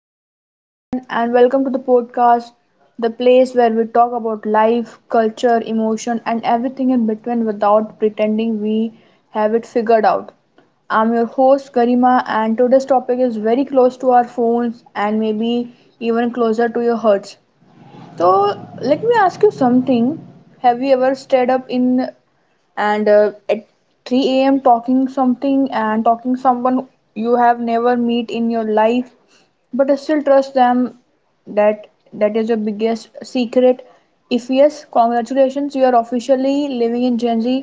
Hello, everyone, and welcome to the podcast, the place where we talk about life, culture, emotion, and everything in between without pretending we have it figured out. I'm your host, Garima, and today's topic is very close to our phones and maybe even closer to your hearts. So, let me ask you something. Have you ever stayed up in and at 3 a.m. talking something and talking someone you have never meet in your life, but I still trust them. That is your biggest secret. If yes, congratulations, you are officially living in Gen Z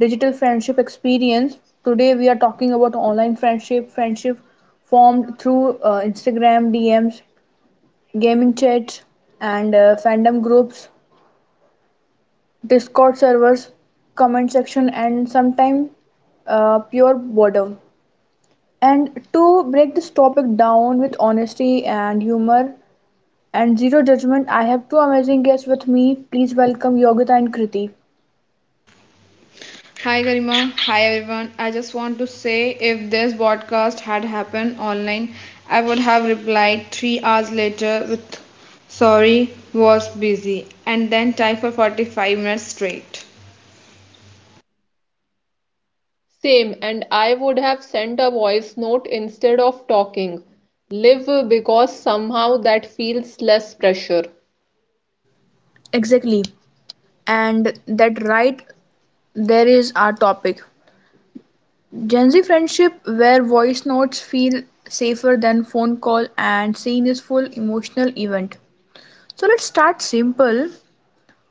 digital friendship experience. Today we are talking about online friendship, friendship formed through Instagram DMs, gaming chats, and fandom groups, Discord servers, comment section, and sometimes pure boredom. And to break this topic down with honesty and humor and zero judgment, I have two amazing guests with me. Please welcome Yogita and Kriti. Hi Garima, hi everyone. I just want to say if this broadcast had happened online, I would have replied 3 hours later with sorry, was busy, and then type for 45 minutes straight. Same, and I would have sent a voice note instead of talking live because somehow that feels less pressure. Exactly. And that right there is our topic. Gen Z friendship where voice notes feel safer than phone call and scene is full emotional event. So let's start simple.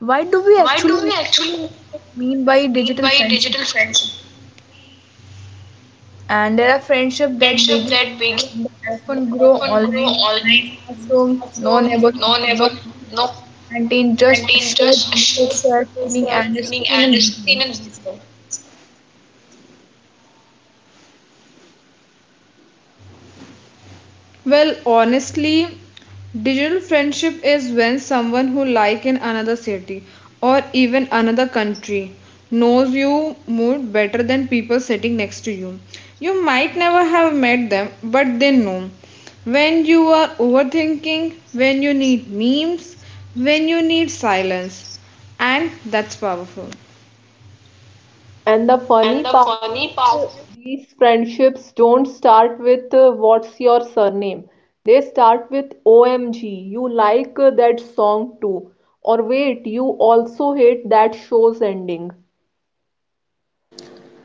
Why do we Why do actually we actually mean by mean digital by friendship? digital friendship? And there are friendship that Friendship begin that begin and often grow often grow online, no online, classroom, no so neighborhood, no no never no canteen, just contain shares, just shows shared feeling messages, and a feeling screen and and is seen video. in video. Well, honestly, digital friendship is when someone who like in another city or even another country knows you more better than people sitting next to you. You might never have met them, but they know. When you are overthinking, when you need memes, when you need silence, and that's powerful. And the And funny the part is, funny part uh, these friendships don't start with what's your surname. They start with OMG, you like that song too. Or wait, you also hate that show's ending.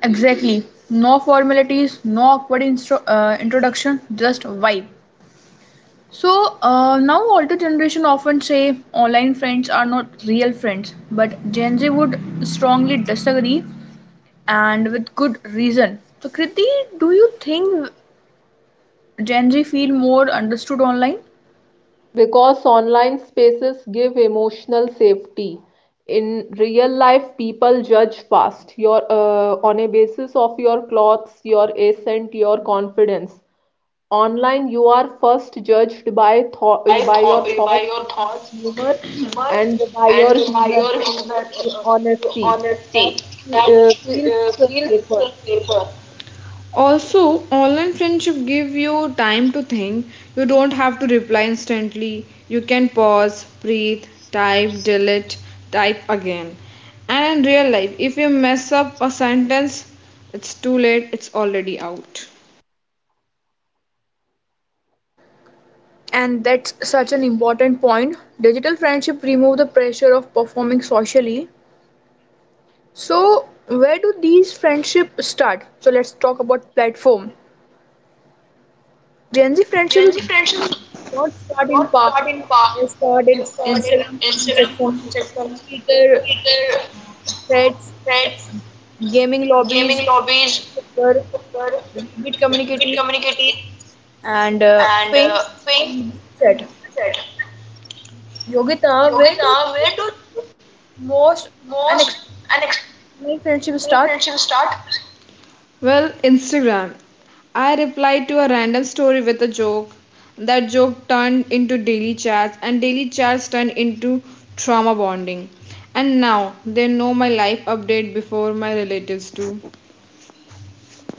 Exactly. No formalities, no awkward introduction, just vibe. So now older generation often say online friends are not real friends, but Gen Z would strongly disagree and with good reason. So Kriti, do you think Gen Z feel more understood online? Because online spaces give emotional safety. In real life, people judge fast your on a basis of your clothes, your accent, your confidence. Online, you are first judged by you thought, buy by thought your you buy thoughts, your by thoughts your humor, humor and by and your you buy human your humor honesty. That honesty that uh, feels feels safer. safer. Also, online friendship give you time to think. You don't have to reply instantly. You can pause, breathe, type, delete, type again. And in real life, if you mess up a sentence, it's too late. It's already out. And that's such an important point. Digital friendship remove the pressure of performing socially. So, where do these friendships start? So, let's talk about platform. Gen Z Gen friendships Z friendships don't start in not past. shot in Park, They start they in shot in Instagram comment Amsterdam, section, Manchester, Twitter Twitter threads, threads, gaming gaming lobbies, lobbies, Twitter, Reddit with communities, communities, and and fame Fink and chat. said, Yogita, where do Yogita, where do most most Many friendships more. start? Well, Instagram. I replied to a random story with a joke. That joke turned into daily chats, and daily chats turned into trauma bonding. And now they know my life update before my relatives do.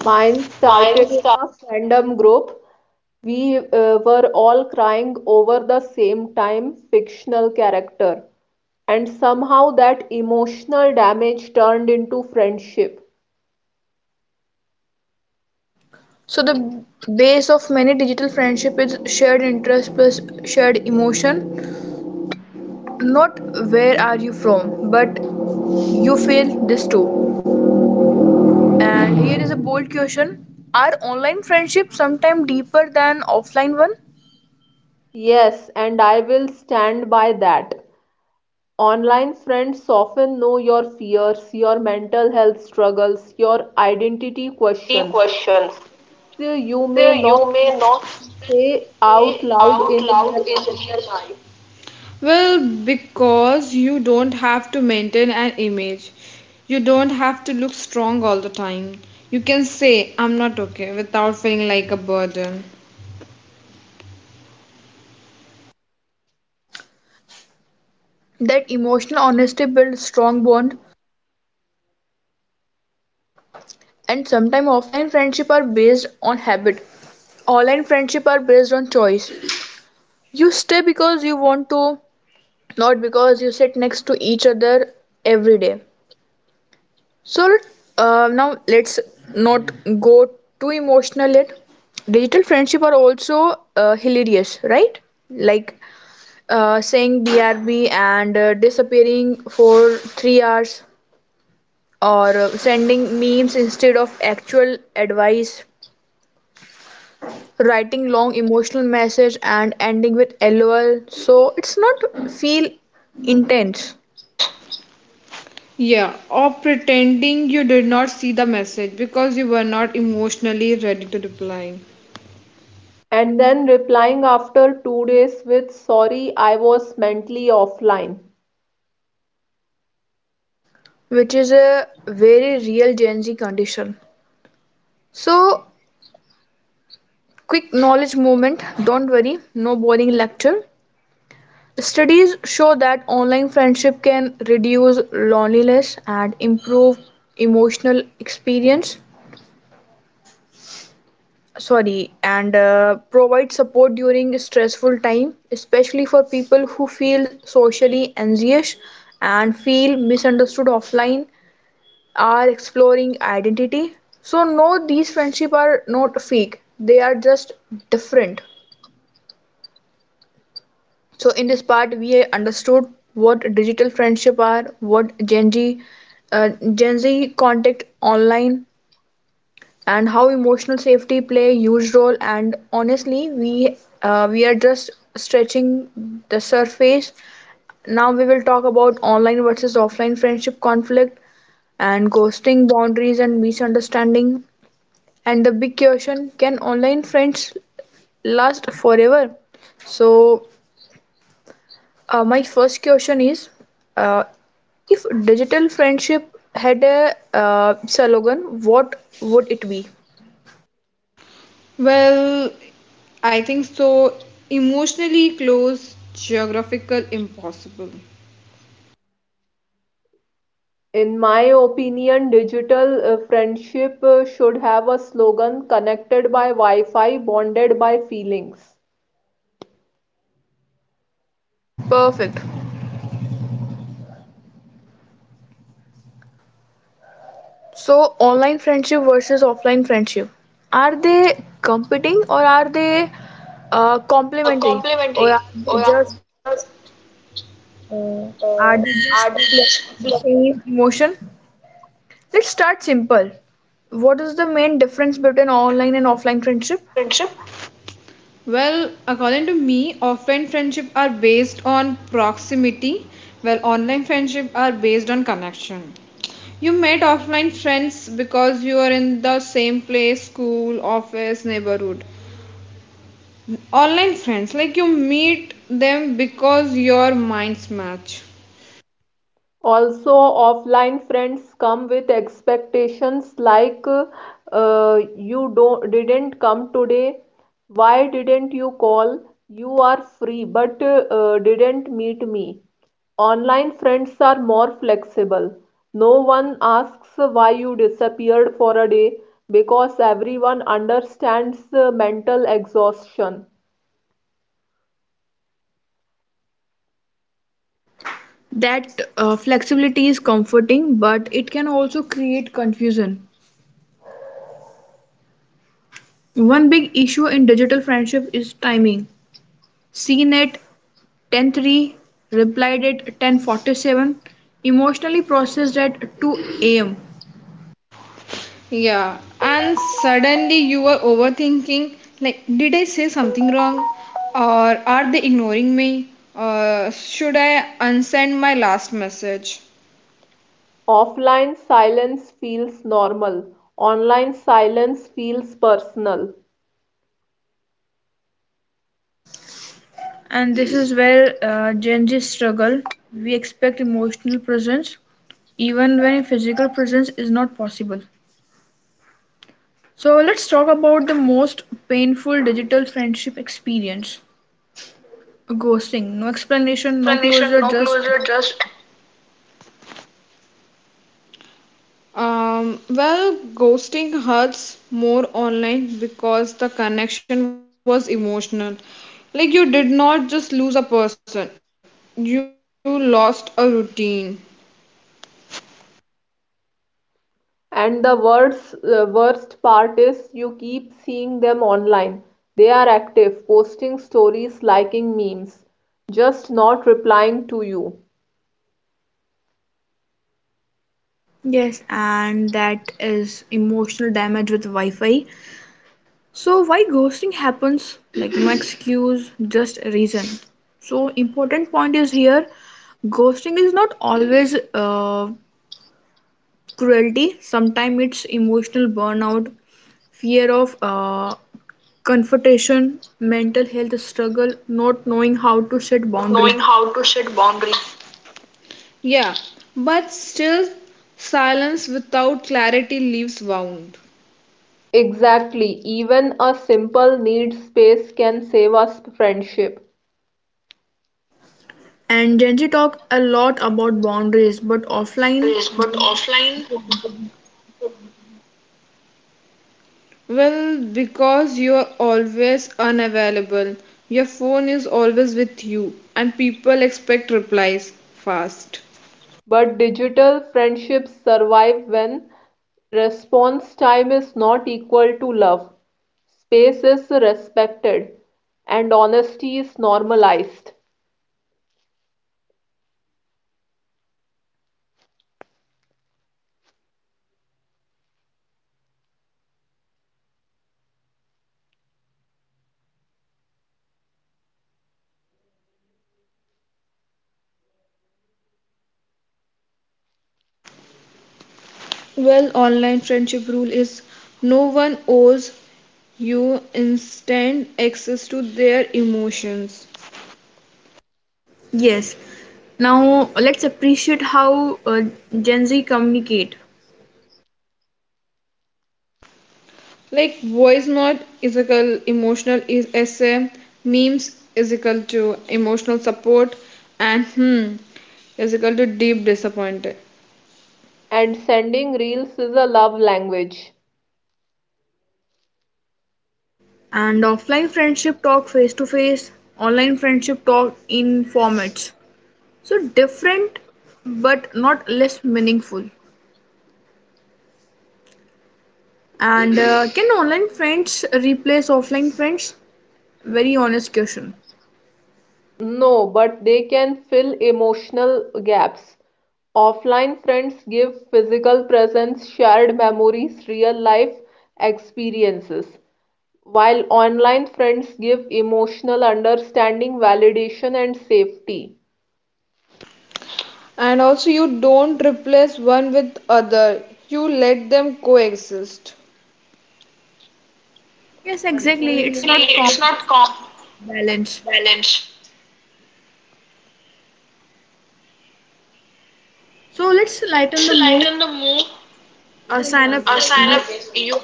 Mine started in Mind-stability a fandom group. We were all crying over the same time fictional character, and somehow that emotional damage turned into friendship. So the base of many digital friendship is shared interest plus shared emotion. Not where are you from, but you feel this too. And here is a bold question. Are online friendships sometimes deeper than offline one? Yes, and I will stand by that. Online friends often know your fears, your mental health struggles, your identity questions. questions. So you So may not you may even not say out say loud out in loud real in life. real life. Well, because you don't have to maintain an image. You don't have to look strong all the time. You can say, I'm not okay, without feeling like a burden. That emotional honesty builds strong bond, and sometimes offline friendship are based on habit. Online friendship are based on choice. You stay because you want to, not because you sit next to each other every day. So now let's not go too emotional yet. Digital friendship are also hilarious, right? Like saying brb and disappearing for 3 hours, or sending memes instead of actual advice, writing long emotional message and ending with lol so it's not feel intense, Yeah, or pretending you did not see the message because you were not emotionally ready to reply. And then replying after 2 days with sorry, I was mentally offline. which is a very real Gen Z condition. So, quick knowledge moment, don't worry, no boring lecture. Studies show that online friendship can reduce loneliness and improve emotional experience. Sorry, and provide support during stressful time, especially for people who feel socially anxious and feel misunderstood offline, are exploring identity. So no, these friendship are not fake. They are just different. So in this part, we understood what digital friendship are, what Gen Z contact online, and how emotional safety play a huge role. And honestly, we are just stretching the surface. Now we will talk about online versus offline friendship conflict and ghosting boundaries and misunderstanding, and the big question, can online friends last forever? So my first question is, uh, if digital friendship had a slogan, what would it be? Well, I think so. Emotionally close, geographical impossible. In my opinion, digital friendship should have a slogan, connected by wi-fi, bonded by feelings. Yeah, perfect. So online friendship versus offline friendship, are they competing, or are they Uh, complementary, or complimentary, are they or just uh, uh, are they reflect just the flying same emotion? Let's start simple. What is the main difference between online and offline friendship? friendship? Well, according to me, offline friendship are based on proximity, while online friendship are based on connection. You met offline friends because you are in the same place, school, office, neighborhood. Online friends like you meet them because your minds match. Also, offline friends come with expectations like, you don't didn't come today. Why didn't you call? You are free but didn't meet me. Online friends are more flexible. No one asks why you disappeared for a day because everyone understands mental exhaustion. That flexibility is comforting, but it can also create confusion. One big issue in digital friendship is timing. Seen at 10:03, replied at 10:47, emotionally processed at 2 a.m. Yeah, and suddenly you are overthinking, like did I say something wrong, or are they ignoring me, or should I unsend my last message? Offline silence feels normal. Online silence feels personal. And this is where Gen Z struggle. We expect emotional presence even when physical presence is not possible. So let's talk about the most painful digital friendship experience. Ghosting. No explanation, no Explanation, closure, no just. closure, just well ghosting hurts more online because the connection was emotional, like you did not just lose a person, you lost a routine. And the worst part is you keep seeing them online. They are active, posting stories, liking memes, just not replying to you. Yes, and that is emotional damage with Wi Fi. So, why ghosting happens? Like, no excuse, just a reason. So, important point is here, ghosting is not always cruelty, sometimes it's emotional burnout, fear of confrontation, mental health struggle, not knowing how to set Not boundaries. knowing how to set boundaries. Yeah, but still, silence without clarity leaves wound. Exactly, even a simple need space can save us friendship. And Gen Z talk a lot about boundaries, but offline, Boundaries, but offline, well, because you are always unavailable, your phone is always with you, and people expect replies fast. But digital friendships survive when response time is not equal to love, space is respected, and honesty is normalized. Well, online friendship rule is no one owes you instant access to their emotions. yes. Now let's appreciate how Gen Z communicate. Like voice note is equal emotional is essay, memes is equal to emotional support, and hmm is equal to deep disappointed. And sending reels is a love language. And offline friendship talk face to face, online friendship talk in formats. So different, but not less meaningful. And can online friends replace offline friends? Very honest question. No, but they can fill emotional gaps. Offline friends give physical presence, shared memories, real life experiences, while online friends give emotional understanding, validation, and safety. And also you don't replace one with other. You let them coexist. Yes, exactly. It's Really, not common. it's not com Balance. balance. So let's lighten Let's the mood. lighten the mood. Sign up Sign you up you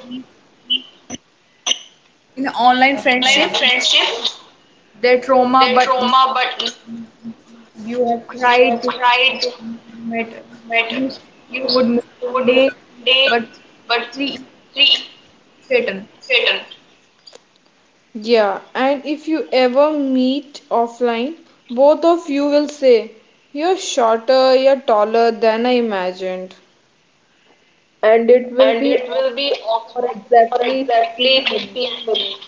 in online online friendship. friendship, Their trauma, their but no, trauma, but you have you are cried, you cried met, method you, you used would miss one would day, day but but three three pattern. Satan. Yeah, and if you ever meet offline, both of you will say, you're shorter, you're taller than I imagined. And it will And be it will be awkward for awkward for exactly exactly 15 minutes. 15 minutes.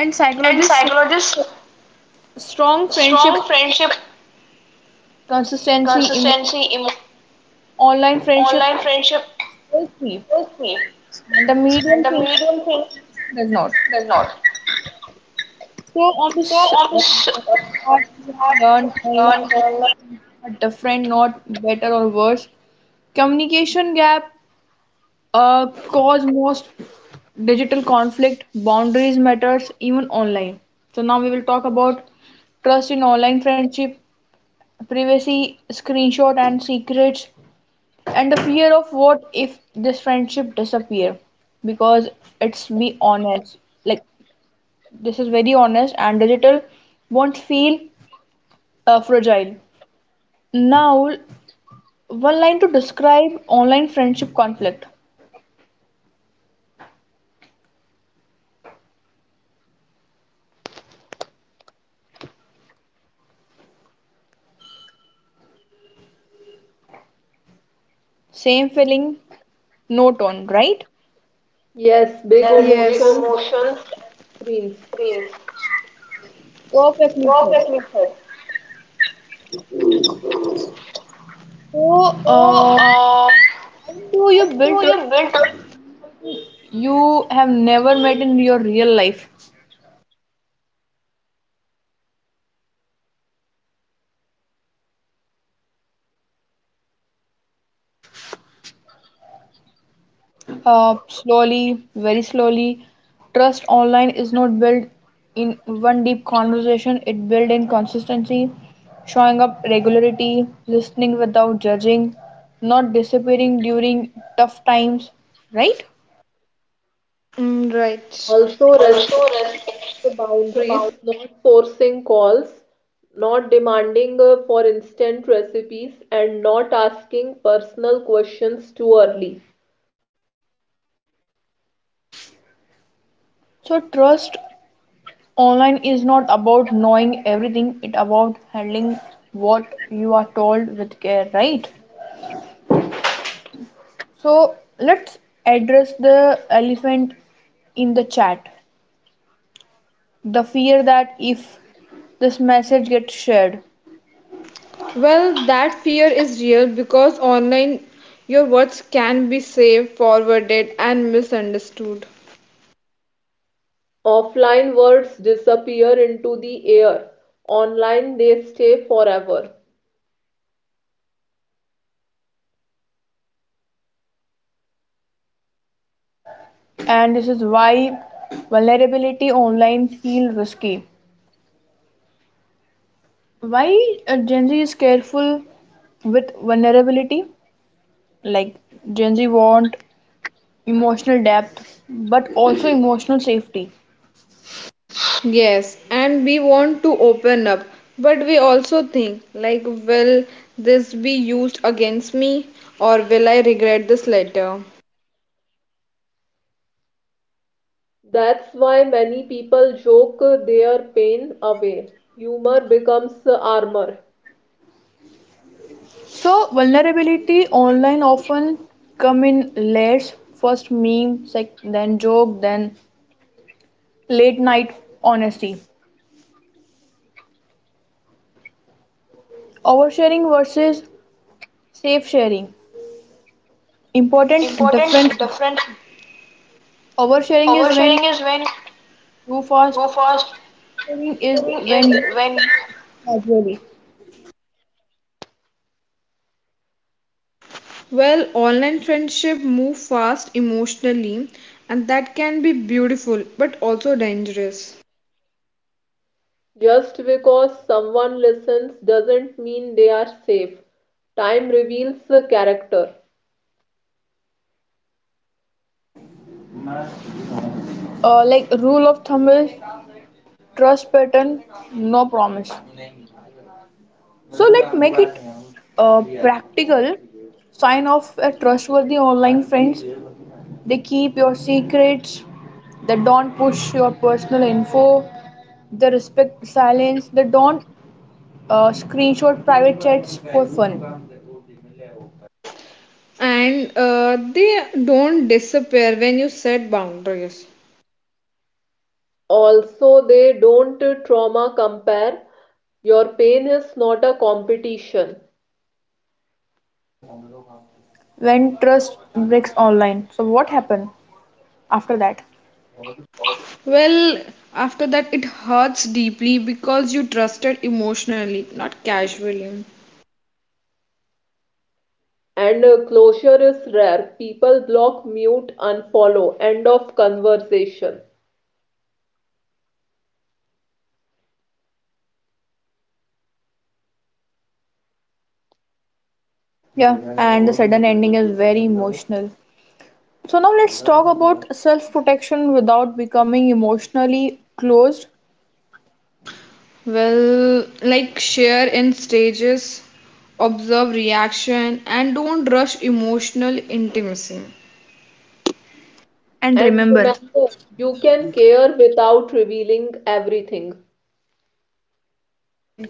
And And psychologists say psychologists, strong friendship, strong friendship, consistency, emo- consistency, emo- online friendship online friendship will see, is key. and the medium And the thing medium thing does not. does not. So on So this I was part, we I have learn online a versus lot. are different, not better or worse. Communication gap cause most digital conflict. Boundaries matters even online. So now we will talk about trust in online friendship, privacy, screenshot and secrets, and the fear of what if this friendship disappear. Because it's be honest. Like, this is very honest and digital won't feel fragile. Now, one line to describe online friendship conflict. Same feeling, no tone, right? Yes, big Yes, yes, ego emotions and motions and screens. feelings. Perfectly said. Perfectly said. So, So um, uh, how do you build how do you trust build up? you have never met in your real life? Slowly, very slowly, trust online is not built in one deep conversation. It built in consistency, showing up regularity, listening without judging, not disappearing during tough times, right? Mm, right. Also Also respecting respect the the bound. boundaries, not forcing calls, not demanding for instant recipes, and not asking personal questions too early. So trust online is not about knowing everything, it about handling what you are told with care, right? So let's address the elephant in the chat. The fear that if this message gets shared, Well, that fear is real because online your words can be saved, forwarded, and misunderstood. Offline words disappear into the air. Online, they stay forever. and this is why vulnerability online feels risky. Why Gen Z is careful with vulnerability? Like, Gen Z want emotional depth, but also emotional safety. Yes, and we want to open up, but we also think, like, will this be used against me or will I regret this later? That's why many people joke their pain away. Humor becomes armor. So vulnerability online often come in layers. First meme, then joke, then late night honesty. Oversharing versus safe sharing. Important difference. Important difference, Oversharing is when oversharing is when you too fast. too fast, Sharing is sharing is when you when casually. well, online friendship move fast emotionally, and that can be beautiful but also dangerous. Just because someone listens doesn't mean they are safe. Time reveals the character. Like rule of thumb is trust pattern, no promise. So let's make it practical. Sign off a trustworthy online friends. They keep your secrets, they don't push your personal info, they respect silence, they don't screenshot private chats for fun. And they don't disappear when you set boundaries. Also, they don't trauma compare. Your pain is not a competition. When trust breaks online, so what happened after that? Well, after that, it hurts deeply because you trusted emotionally, not casually. And closure is rare. People block, mute, unfollow. End of conversation. Yeah, and the sudden ending is very emotional. So now let's talk about self protection without becoming emotionally closed. Well, like share in stages, observe reaction, and don't rush emotional intimacy. And And remember, remember, you can care without revealing everything. correct,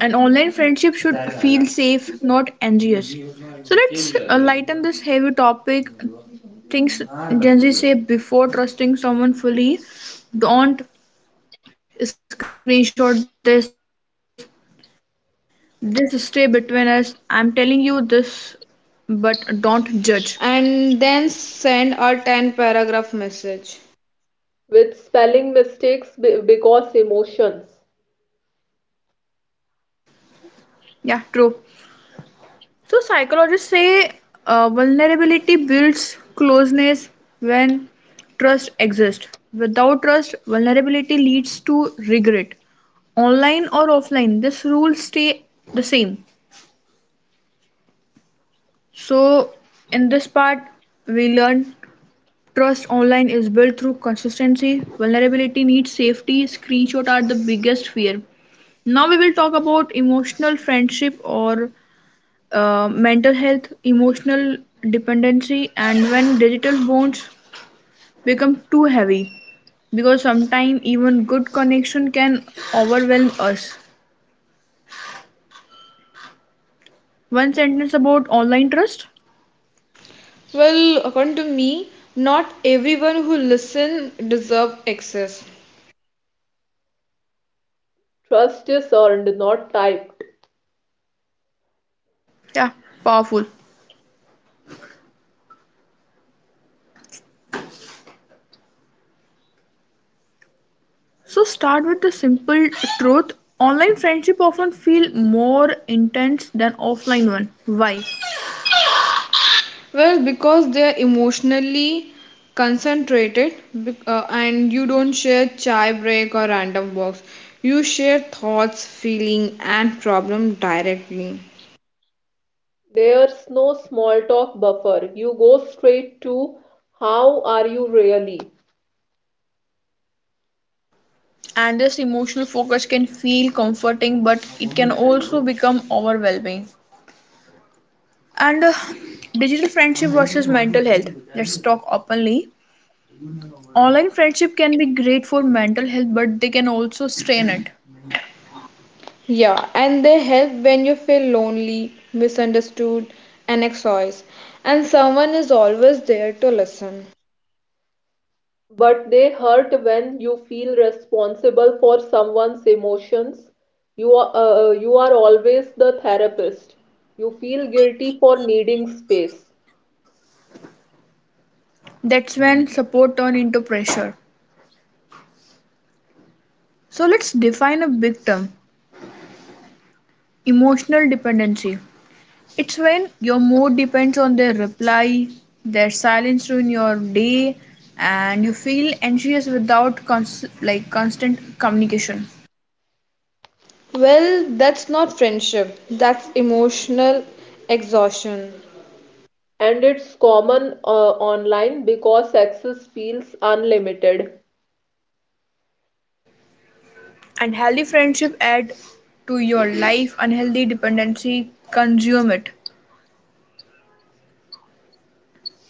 an online friendship should feel safe not anxious. So let's lighten this heavy topic, things Gen Z say before trusting someone fully. Don't screenshot this, this stay between us, I'm telling you this, but don't judge. And then send a 10 paragraph message. With spelling mistakes because emotions. Yeah, true. So psychologists say vulnerability builds closeness when trust exists. Without trust, vulnerability leads to regret, online or offline. This rule stay the same. So in this part we learned, trust online is built through consistency, vulnerability needs safety, screenshot are the biggest fear. Now we will talk about emotional friendship, or mental health, emotional dependency, and when digital bonds become too heavy, because sometimes even good connection can overwhelm us. One sentence about online trust. Well, according to me, not everyone who listen deserve access. Trust is earned, not typed. Yeah, powerful. So start with the simple truth. Online friendship often feel more intense than offline one. Why? Well, because they are emotionally concentrated and you don't share chai break or random walks. You share thoughts, feeling and problem directly. There's no small talk buffer. You go straight to how are you really? And this emotional focus can feel comforting, but it can also become overwhelming. And digital friendship versus mental health. Let's talk openly. Online friendship can be great for mental health, but they can also strain it. Minute. Yeah, and they help when you feel lonely, misunderstood, and exhausted, and someone is always there to listen. But they hurt when you feel responsible for someone's emotions. You are always the therapist. You feel guilty for needing space. That's when support turn into pressure. So let's define a big term, emotional dependency. It's when your mood depends on their reply, their silence ruin your day, and you feel anxious without like constant communication. Well, that's not friendship, that's emotional exhaustion. And it's common online because access feels unlimited. Unhealthy friendship add to your life. Unhealthy dependency consume it.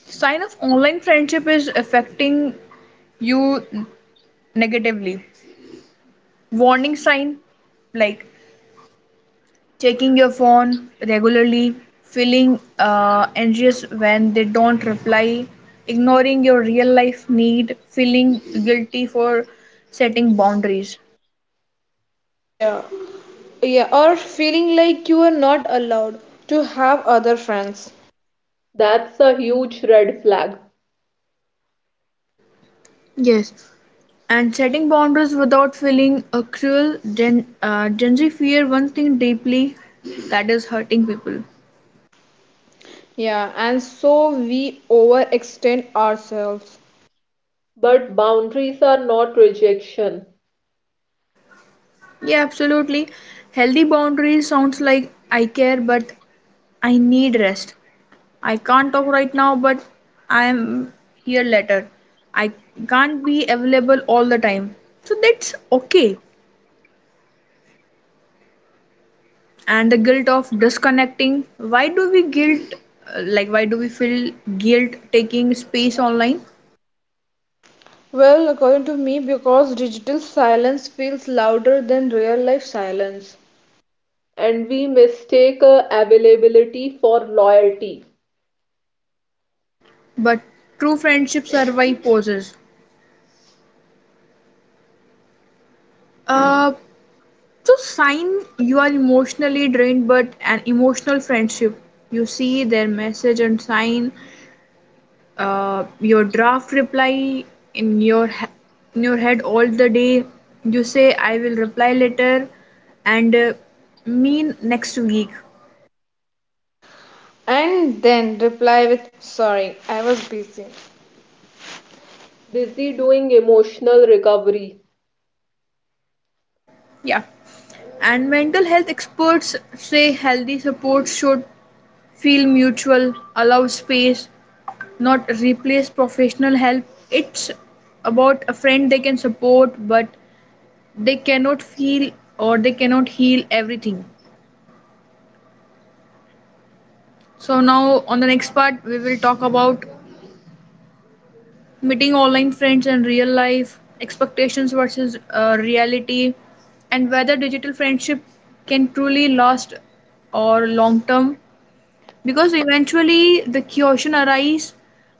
Sign of online friendship is affecting you negatively. Warning sign like, checking your phone regularly, feeling anxious when they don't reply, ignoring your real life need, feeling guilty for setting boundaries. Yeah. Yeah, or feeling like you are not allowed to have other friends. That's a huge red flag. Yes, and setting boundaries without feeling cruel. Gen Z fear one thing deeply, that is hurting people. Yeah, and so we overextend ourselves. But boundaries are not rejection. Yeah, absolutely. Healthy boundaries sounds like, I care, but I need rest. I can't talk right now, but I am here later. I can't be available all the time. So that's okay. And the guilt of disconnecting. Why do we guilt, why do we feel guilt taking space online? Well, according to me, because digital silence feels louder than real life silence. And we mistake availability for loyalty. But true friendship survive pauses. Uh, so sign you are emotionally drained, but an emotional friendship. You see their message and sign your draft reply in your in your head all the day. You say, I will reply later, and mean next week. And then reply with sorry I was busy. Busy doing emotional recovery. Yeah, and mental health experts say healthy support should feel mutual, allow space, not replace professional help. It's about a friend, they can support, but they cannot feel, or they cannot heal everything. So now on the next part we will talk about meeting online friends and real life, expectations versus reality, and whether digital friendship can truly last or long term. Because eventually the question arises,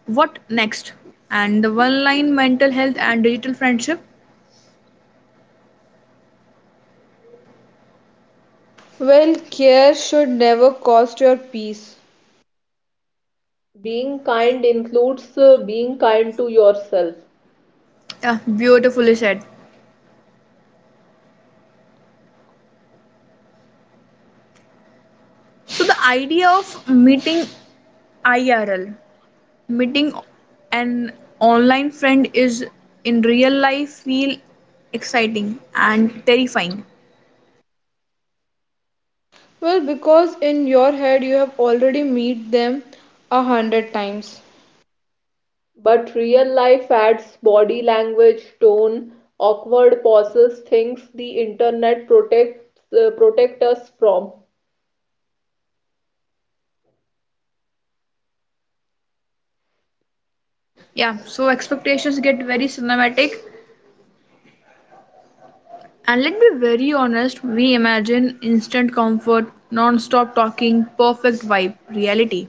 what next? And the one line mental health and digital friendship, Well, care should never cost your peace. Being kind includes being kind to yourself, yeah, beautifully said. So the idea of meeting IRL, meeting an online friend is in real life feel exciting and terrifying. Well, because in your head you have already met them a hundred times. but real life adds body language, tone, awkward pauses, things the internet protects protect us from. Yeah, so expectations get very cinematic. And let us be very honest, we imagine instant comfort, non stop talking, perfect vibe, reality.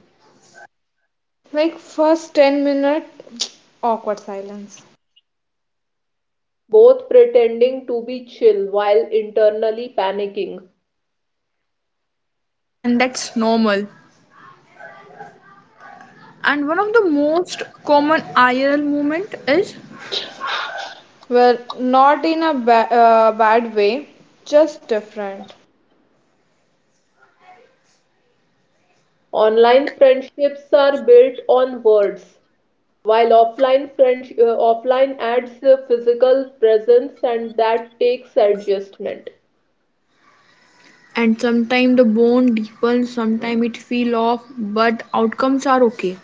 Like first 10 minute awkward silence. Both pretending to be chill while internally panicking. And that's normal. And one of the most common IRL moment is, And well, not in a bad way, just different. Online friendships are built on words, while offline adds a physical presence and that takes adjustment. and sometimes the bone deepens, sometimes it feel off, but outcomes are okay.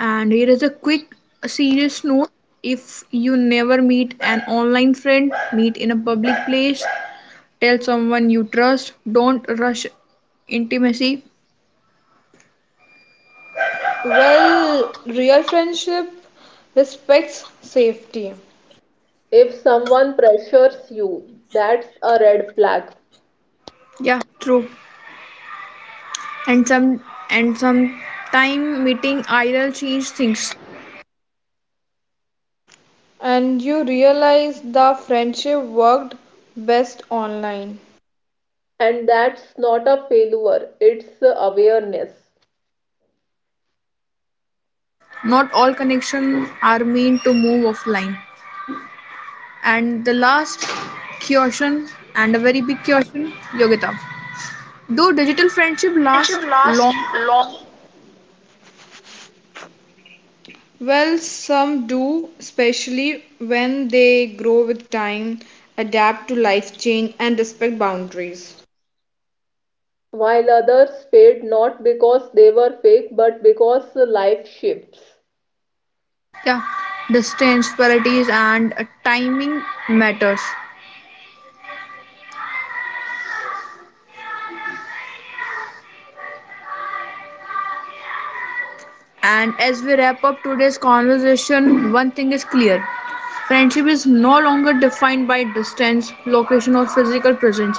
And here is a quick serious note, if you never meet an online friend, meet in a public place. Tell someone you trust. Don't rush intimacy. Well, real friendship respects safety, If someone pressures you, that's a red flag. Yeah, true. And some and sometime meeting IRL change things. and you realize the friendship worked best online. And that's not a failure, it's a awareness. Not all connections are meant to move offline. And the last caution, and a very big caution, Yogita. Do digital friendship Little last friendship lasts long? long. Well, some do, especially when they grow with time, adapt to life change, and respect boundaries. While others fade not because they were fake but because life shifts. Yeah, distance, priorities, and timing matters. And as we wrap up today's conversation, one thing is clear, friendship is no longer defined by distance, location, or physical presence.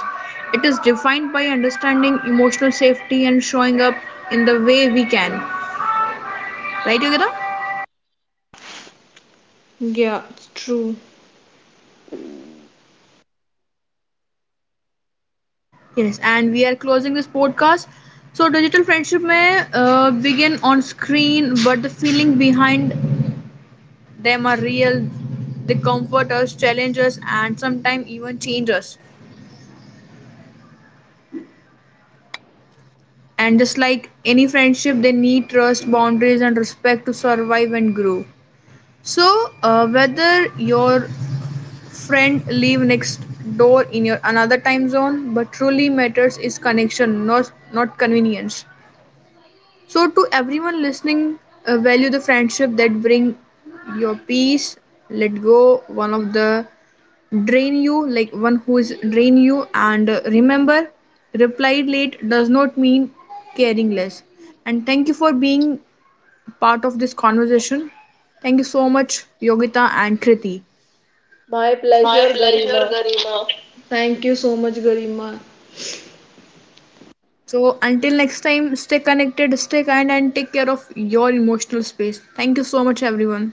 It is defined by understanding, emotional safety, and showing up in the way we can. Right, Yogita? Yeah, it's true. Yes, and we are closing this podcast. So, digital friendship may begin on screen, but the feeling behind them are real. They comfort us, challenge us, and sometimes even change us. And just like any friendship, they need trust, boundaries, and respect to survive and grow. So, whether your friend live next door in your another time zone, but truly matters is connection, not convenience. So, to everyone listening, value the friendship that bring your peace. Let go one of the drain you, like one who is drain you, and remember, replied late does not mean caring less. And thank you for being part of this conversation. Thank you so much, Yogita and Kriti. My My pleasure, pleasure, Garima. Garima. Thank you so much, Garima. So until next time, stay connected, stay kind, and take care of your emotional space. Thank you so much, everyone.